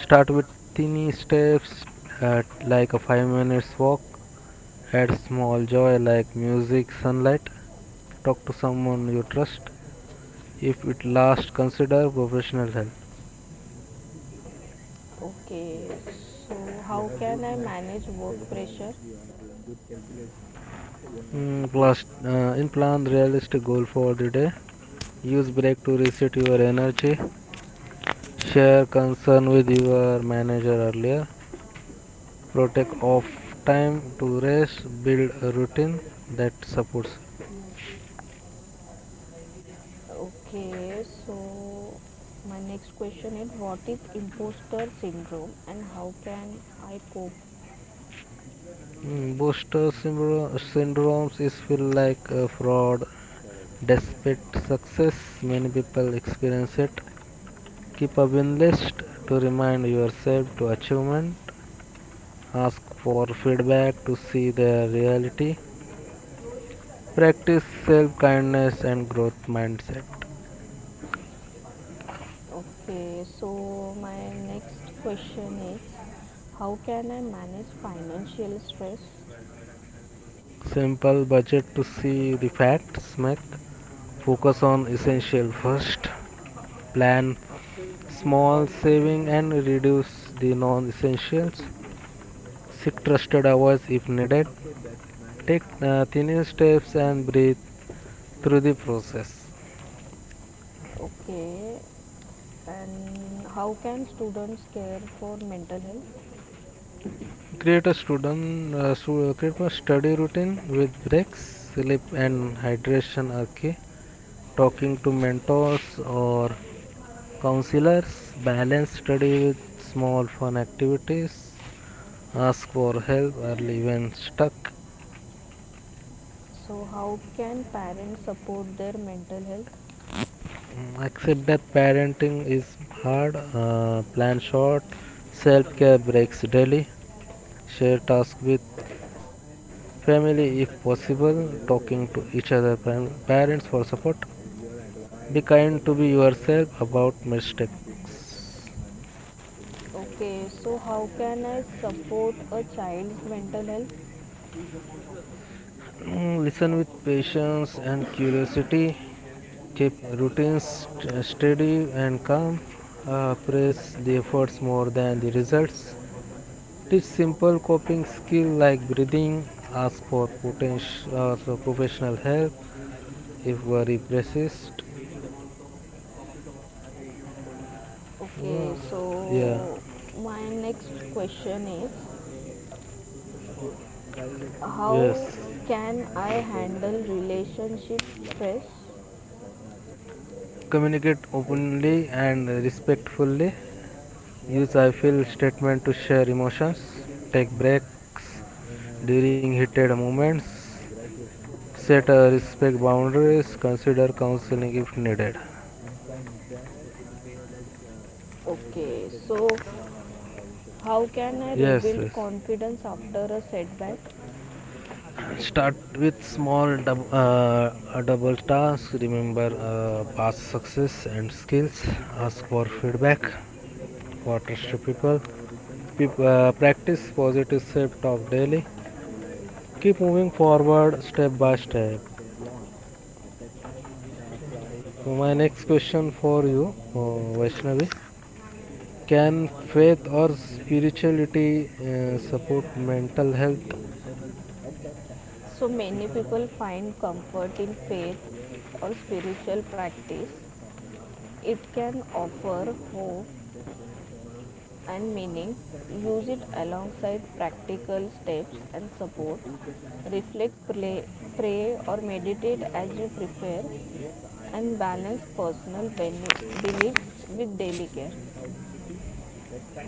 Speaker 2: Start with tiny steps at like a five minutes walk. Add small joy like music sunlight. Talk to someone you trust. If it lasts consider professional help.
Speaker 3: Okay, so how can I manage work pressure?
Speaker 2: Mm, plus, uh, in plan realistic goal for the day. Use break to reset your energy. Share concern with your manager earlier. Protect off time to rest. Build a routine that supports
Speaker 3: Okay, so my next question is what is imposter syndrome and how can I cope?
Speaker 2: you. Mm, booster syndrome syndromes is feel like a fraud. Despite success, many people experience it. Keep a win list to remind yourself to achievement. Ask for feedback to see the reality. Practice self kindness and growth mindset.
Speaker 3: Okay, so my next question is how can I manage financial stress?
Speaker 2: Simple budget to see the facts, make focus on essential first. Plan
Speaker 3: After ki- how
Speaker 2: small
Speaker 3: many years
Speaker 2: saving and
Speaker 3: is
Speaker 2: reduce the non
Speaker 3: thirty
Speaker 2: essentials.
Speaker 3: years?
Speaker 2: Seek trusted advice if needed.
Speaker 3: Okay, that's
Speaker 2: Take
Speaker 3: nice.
Speaker 2: uh, tiny steps and breathe through the process.
Speaker 3: Okay, and how can students care for mental health?
Speaker 2: Create a student uh, stu- uh, create a study routine with breaks. Sleep and
Speaker 3: Correct.
Speaker 2: hydration are key. Talking to mentors or counselors, balance study with small fun activities, ask for help early when stuck.
Speaker 3: So, how can parents support their mental health?
Speaker 2: Mm, Accept that parenting is hard, uh, plan short, self care breaks daily, share tasks with family if possible, talking
Speaker 3: Really
Speaker 2: to each other,
Speaker 3: nice.
Speaker 2: parents for support.
Speaker 3: uh,
Speaker 2: Be kind to be yourself about mistakes.
Speaker 3: Okay, so how can I support a child's mental health?
Speaker 2: Mm, Listen with patience and curiosity. Keep routines st- steady and calm. Uh, praise the efforts more than the results. Teach simple coping skill like breathing. Ask for potential, uh, so professional help if worry persists.
Speaker 3: Okay,
Speaker 2: Uh, Yeah.
Speaker 3: so my next question is how
Speaker 2: Yes.
Speaker 3: can I handle relationship stress.
Speaker 2: Communicate openly and respectfully. Use I feel statement to
Speaker 3: uh,
Speaker 2: share emotions. Take breaks
Speaker 3: uh, when I was
Speaker 2: during heated
Speaker 3: uh, in uh,
Speaker 2: moments.
Speaker 3: my graduation, at
Speaker 2: Set
Speaker 3: that
Speaker 2: a
Speaker 3: time I
Speaker 2: respect
Speaker 3: started to
Speaker 2: boundaries.
Speaker 3: invest
Speaker 2: Consider
Speaker 3: uh, in
Speaker 2: counseling
Speaker 3: stock
Speaker 2: if
Speaker 3: market
Speaker 2: needed.
Speaker 3: and from there I like uh, okay, so how can I
Speaker 2: Yes, yes.
Speaker 3: rebuild confidence after a setback?
Speaker 2: Start with small dub- uh, uh, double tasks. Remember uh, past success and
Speaker 3: Yes,
Speaker 2: skills.
Speaker 3: this type of
Speaker 2: Ask for
Speaker 3: training I do,
Speaker 2: feedback for
Speaker 3: but
Speaker 2: trusted people.
Speaker 3: uh, our recent
Speaker 2: Peop- uh,
Speaker 3: attack, there
Speaker 2: practice
Speaker 3: is one
Speaker 2: positive
Speaker 3: function
Speaker 2: self talk daily.
Speaker 3: when I
Speaker 2: Keep moving
Speaker 3: attack
Speaker 2: forward
Speaker 3: and like
Speaker 2: step
Speaker 3: when
Speaker 2: by
Speaker 3: the
Speaker 2: step.
Speaker 3: share launch, at that time, the price of
Speaker 2: So my
Speaker 3: one
Speaker 2: next
Speaker 3: share
Speaker 2: question
Speaker 3: is
Speaker 2: for
Speaker 3: around
Speaker 2: you, uh, Vaishnavi.
Speaker 3: one twelve and
Speaker 2: Can
Speaker 3: the company
Speaker 2: faith or
Speaker 3: is doing great in
Speaker 2: spirituality
Speaker 3: terms of
Speaker 2: uh,
Speaker 3: sales,
Speaker 2: support
Speaker 3: in terms
Speaker 2: mental
Speaker 3: of
Speaker 2: health?
Speaker 3: delivery service. At that time, so many people find comfort in faith or spiritual practice. It can offer hope and meaning, use it alongside practical steps and support. Reflect, play, pray, or meditate as you prefer, and balance personal beliefs with daily care.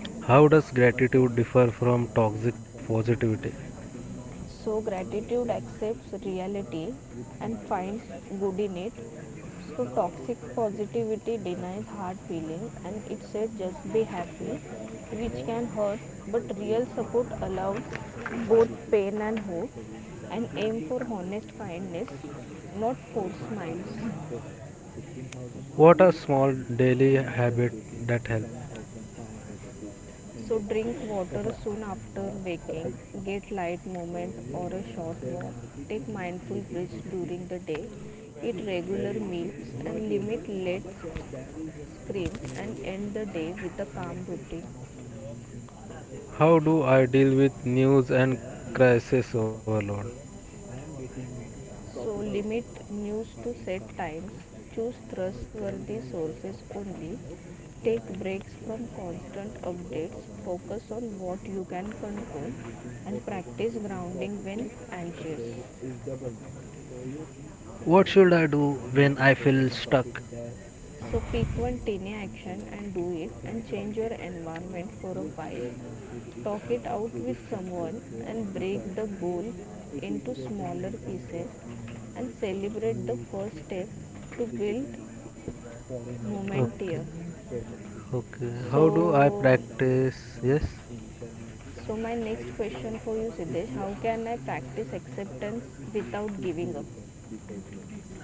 Speaker 2: How does
Speaker 3: uh,
Speaker 2: gratitude differ from toxic
Speaker 3: uh,
Speaker 2: positivity?
Speaker 3: So, gratitude accepts reality and finds good in it, so toxic positivity denies hard feelings and it said just be happy, which can hurt but real support allows both pain and hope and aim for honest kindness, not forced smiles.
Speaker 2: What are small daily
Speaker 3: I am just
Speaker 2: habits
Speaker 3: getting
Speaker 2: that help?
Speaker 3: seventy-five hundred rupees. So drink water soon after waking, get light movement or a short walk, take mindful breaths during the day, eat regular meals and limit late uh, uh, screens and end the day with a calm routine. Like
Speaker 2: How do I deal with news and
Speaker 3: there are lo-
Speaker 2: crisis
Speaker 3: lot of
Speaker 2: overload?
Speaker 3: cells so I am getting, so limit news to set times, choose trustworthy sources only, take breaks from constant updates, focus on what you can control, and practice grounding when anxious. There is double now, so yes,
Speaker 2: What should
Speaker 3: like
Speaker 2: I do
Speaker 3: I am
Speaker 2: when
Speaker 3: getting
Speaker 2: I feel
Speaker 3: four thousand copies
Speaker 2: stuck?
Speaker 3: there, so pick one tiny action and do it and change your environment for a while. Talk it out with someone and break the goal into smaller pieces and celebrate the first step to build momentum.
Speaker 2: Okay, okay. How do I
Speaker 3: So
Speaker 2: practice? Yes.
Speaker 3: so my next question for you Siddesh, how can I practice acceptance without giving up?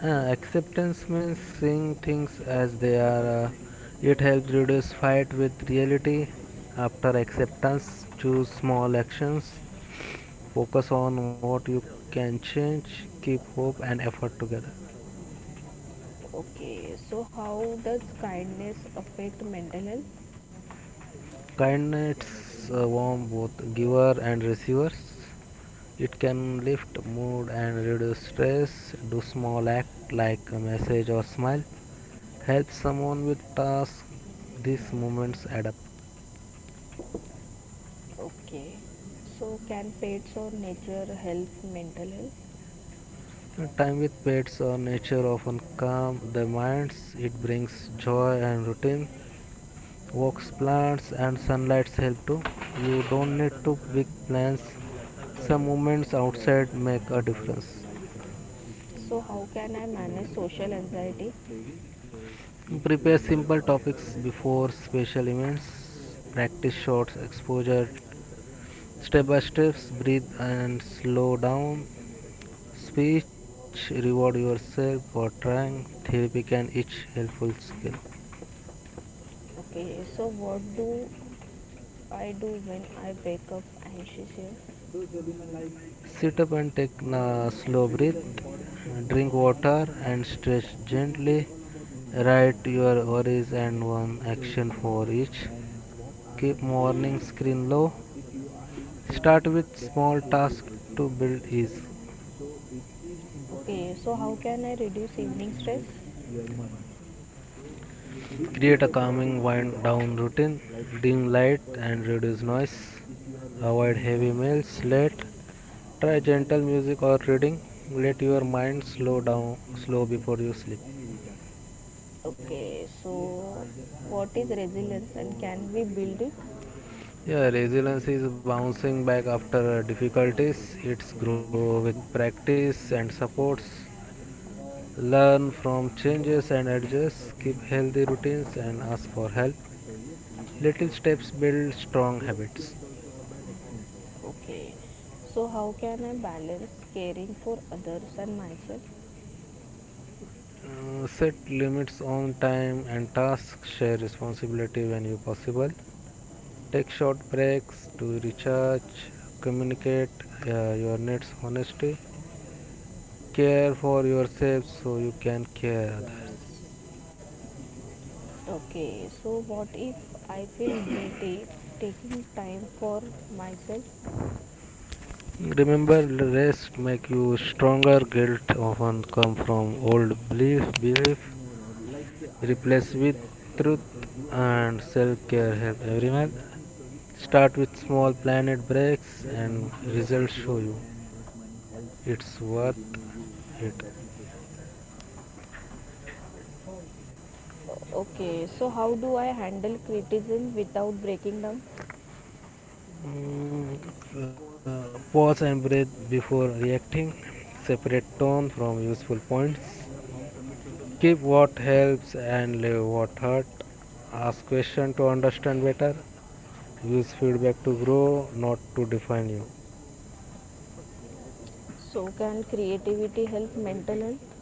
Speaker 2: Uh, acceptance means seeing things as they are. Uh, it helps reduce fight with reality. After acceptance, choose small actions. Focus on what you can change. Keep hope and effort together.
Speaker 3: Okay, so how does kindness affect mental health?
Speaker 2: Kindness uh, warm both giver and receivers. It can lift mood and reduce stress. Do small act like a message or smile. Help someone with task. These moments add up.
Speaker 3: Okay, so can pets or nature help mental health?
Speaker 2: Time with pets or nature often calms the minds. It brings joy and routine. Walks, plants, and sunlight help too. You don't need to big plans.
Speaker 3: Correct,
Speaker 2: Some moments
Speaker 3: right,
Speaker 2: outside make
Speaker 3: uh,
Speaker 2: a
Speaker 3: no doubt
Speaker 2: difference.
Speaker 3: uh, like uh, if we so, are how can I you know, manage social uh, anxiety? Uh, saving, so we should
Speaker 2: Prepare
Speaker 3: invest
Speaker 2: simple
Speaker 3: wisely,
Speaker 2: topics
Speaker 3: correct.
Speaker 2: before special events. Practice short exposure. Step by steps, breathe and slow down. Speech, reward yourself for trying. Therapy can each helpful skill.
Speaker 3: Okay, so what do I do when I wake up anxious? So Shabina, like
Speaker 2: Sit up and take
Speaker 3: no,
Speaker 2: a slow
Speaker 3: actually the
Speaker 2: breath.
Speaker 3: importance of
Speaker 2: Drink
Speaker 3: money means
Speaker 2: water
Speaker 3: uh,
Speaker 2: and
Speaker 3: the
Speaker 2: stretch
Speaker 3: topic is
Speaker 2: gently.
Speaker 3: all about money, Prerna,
Speaker 2: Write
Speaker 3: like
Speaker 2: your worries
Speaker 3: investment,
Speaker 2: and one action
Speaker 3: saving,
Speaker 2: for each.
Speaker 3: and uh, what are the
Speaker 2: Keep morning
Speaker 3: importance of like
Speaker 2: screen low.
Speaker 3: uh, if you are doing
Speaker 2: Start
Speaker 3: saving,
Speaker 2: with
Speaker 3: definitely
Speaker 2: small
Speaker 3: it will
Speaker 2: tasks
Speaker 3: help you in
Speaker 2: to build
Speaker 3: future,
Speaker 2: ease.
Speaker 3: correct? So it is important. Okay, so how you can I reduce to evening stress? Invest your money, this is
Speaker 2: Create
Speaker 3: the
Speaker 2: a calming
Speaker 3: topic is
Speaker 2: wind
Speaker 3: all
Speaker 2: down
Speaker 3: about.
Speaker 2: routine.
Speaker 3: Like, uh,
Speaker 2: Dim light
Speaker 3: for
Speaker 2: and
Speaker 3: example,
Speaker 2: reduce
Speaker 3: like
Speaker 2: noise.
Speaker 3: uh, if you are
Speaker 2: Avoid
Speaker 3: wasting your
Speaker 2: heavy
Speaker 3: money
Speaker 2: meals late.
Speaker 3: uh,
Speaker 2: Try
Speaker 3: on
Speaker 2: gentle
Speaker 3: anything,
Speaker 2: music or reading.
Speaker 3: so
Speaker 2: Let
Speaker 3: it
Speaker 2: your
Speaker 3: will not
Speaker 2: mind
Speaker 3: give
Speaker 2: slow
Speaker 3: you
Speaker 2: down
Speaker 3: in
Speaker 2: slow
Speaker 3: any re-
Speaker 2: before you
Speaker 3: like
Speaker 2: sleep.
Speaker 3: any return. So okay, yes, so I just want what to is know resilience and your can we about build thoughts it? This, or uh, if
Speaker 2: Yeah,
Speaker 3: you have
Speaker 2: resilience
Speaker 3: any
Speaker 2: is bouncing back
Speaker 3: uh, example
Speaker 2: after
Speaker 3: or advices
Speaker 2: difficulties.
Speaker 3: for
Speaker 2: It's
Speaker 3: my re-
Speaker 2: grow with
Speaker 3: uh, listeners,
Speaker 2: practice
Speaker 3: you
Speaker 2: and
Speaker 3: can share
Speaker 2: supports.
Speaker 3: your experience.
Speaker 2: Learn
Speaker 3: Uh,
Speaker 2: from
Speaker 3: no
Speaker 2: changes
Speaker 3: doubt
Speaker 2: and
Speaker 3: uh, we are
Speaker 2: adjust.
Speaker 3: talking
Speaker 2: Keep
Speaker 3: about
Speaker 2: healthy
Speaker 3: importance of
Speaker 2: routines
Speaker 3: money
Speaker 2: and
Speaker 3: in
Speaker 2: ask
Speaker 3: our
Speaker 2: for
Speaker 3: life.
Speaker 2: help.
Speaker 3: So yes, we can
Speaker 2: Little
Speaker 3: share some
Speaker 2: steps build
Speaker 3: uh,
Speaker 2: strong
Speaker 3: good
Speaker 2: habits.
Speaker 3: experience also or bad experience also. Okay. So how can I balance caring for others and myself?
Speaker 2: Uh, set limits on time and tasks. Share responsibility when you possible. Take short breaks to recharge. Communicate uh, your needs honestly. Care for yourself so you can care
Speaker 3: Correct.
Speaker 2: others.
Speaker 3: Okay. So what if I feel guilty taking time for myself?
Speaker 2: Remember, rest make you stronger. Guilt often come from old belief. Belief
Speaker 3: No, no. Like uh, I just
Speaker 2: replace
Speaker 3: said
Speaker 2: with
Speaker 3: that story. So
Speaker 2: truth
Speaker 3: you both
Speaker 2: and
Speaker 3: have any
Speaker 2: self-care
Speaker 3: stories.
Speaker 2: help
Speaker 3: Karan, you
Speaker 2: everyone.
Speaker 3: have any stories
Speaker 2: Start with small
Speaker 3: like this,
Speaker 2: planet breaks
Speaker 3: where money
Speaker 2: and
Speaker 3: played a big
Speaker 2: results
Speaker 3: role
Speaker 2: show you
Speaker 3: and that money
Speaker 2: it's
Speaker 3: helped
Speaker 2: worth
Speaker 3: to remove
Speaker 2: it.
Speaker 3: you from that situation. Okay, so how do I handle criticism without breaking down?
Speaker 2: Mm, uh, Pause and breathe before reacting. Separate tone from useful points. Keep what helps and leave what hurt. Ask question to understand better. Use feedback to grow, not to define you.
Speaker 3: So can creativity help mental health?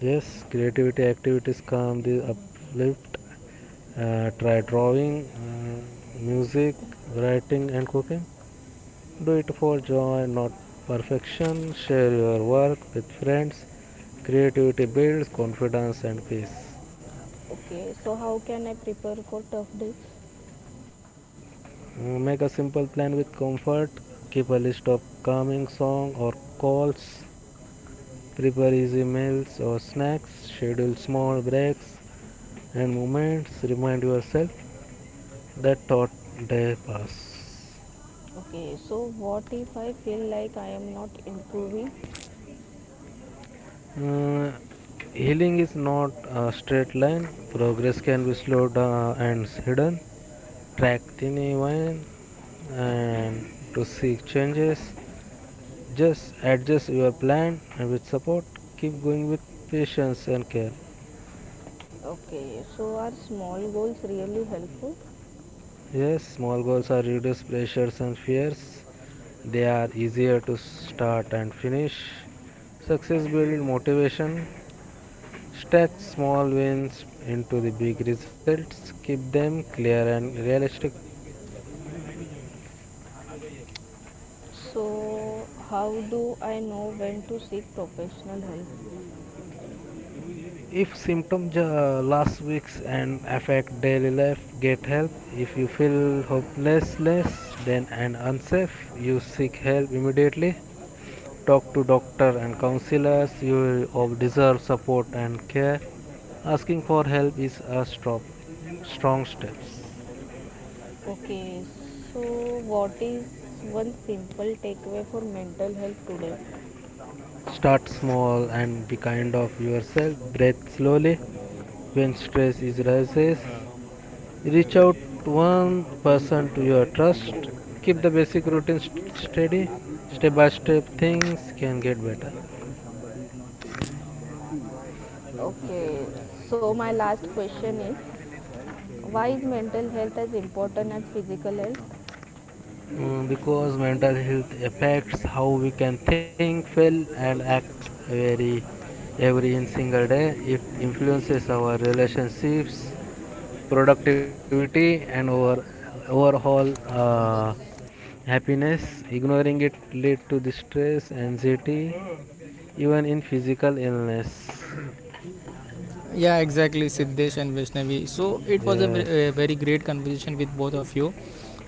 Speaker 2: Yes, creativity activities calm the uplift. Uh, try drawing, uh, music, writing, and cooking. Do it for joy, not perfection. Share your work with friends. Creativity builds confidence and peace.
Speaker 3: Okay, so how can I prepare for tough days?
Speaker 2: Uh, make a simple plan with comfort. Keep a list of calming songs or calls. Prepare easy meals or snacks. Schedule small breaks and moments. Remind yourself that thought day pass.
Speaker 3: Okay, so what if I feel like I am not improving?
Speaker 2: uh, Healing is not a straight line. Progress can be slowed down and hidden. Track tiny wine and to seek changes. Just adjust your plan and with support, keep going with patience and care.
Speaker 3: Okay, so are small goals really helpful?
Speaker 2: Yes, small goals are reduce pressures and fears. They are easier to start and finish. Success builds motivation. Stretch small wins into the big results. Keep them clear and realistic.
Speaker 3: So how do I know when to seek professional help?
Speaker 2: If symptoms uh, last weeks and affect daily life, get help. If you feel hopelessness then and unsafe, you seek help immediately. Talk to doctor and counselors. You deserve support and care. Asking for help is a strong strong step.
Speaker 3: Okay, so what is one simple takeaway for mental health today?
Speaker 2: Start small and be kind of yourself. Breathe slowly when stress is rises. Reach out one person to your trust.
Speaker 3: Oh,
Speaker 2: Keep the basic
Speaker 3: but
Speaker 2: routine
Speaker 3: yes,
Speaker 2: st- steady.
Speaker 3: actually, this
Speaker 2: Step by
Speaker 3: happens uh,
Speaker 2: step
Speaker 3: in our time.
Speaker 2: things can
Speaker 3: Like,
Speaker 2: get
Speaker 3: uh,
Speaker 2: better.
Speaker 3: if uh, somebody is not paying their fees, so people okay, people like so my people last pay for question that, is that, right? So why is you are mental health as important as physical health? Seriously, it
Speaker 2: Mm,
Speaker 3: is
Speaker 2: because mental
Speaker 3: also
Speaker 2: health
Speaker 3: helping in that
Speaker 2: affects how we
Speaker 3: way.
Speaker 2: can think, feel, and act very
Speaker 3: So
Speaker 2: every in single day. It
Speaker 3: yes, money is like
Speaker 2: influences our
Speaker 3: very important. You
Speaker 2: relationships,
Speaker 3: know,
Speaker 2: productivity, and our overall uh, happiness. Ignoring it lead to distress, anxiety, even in physical illness.
Speaker 1: Yeah, exactly, Siddesh and Vaishnavi. So it was a ve-
Speaker 2: Yes.
Speaker 1: a very great conversation with both of you.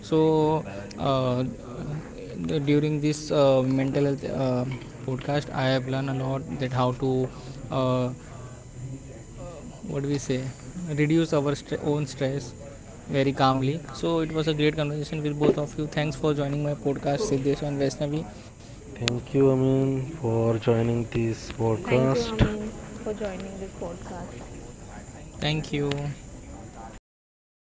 Speaker 1: So uh, d- during this uh, mental health uh, podcast, I have learned a lot that how to uh, what do we say reduce our stre- own stress very calmly. So it was a great conversation with both of you. Thanks for joining my podcast, Siddesh and Vaishnavi.
Speaker 2: Thank you, Amin, for joining this
Speaker 3: thank you,
Speaker 2: podcast.
Speaker 3: Amin, for joining this podcast.
Speaker 1: Thank you.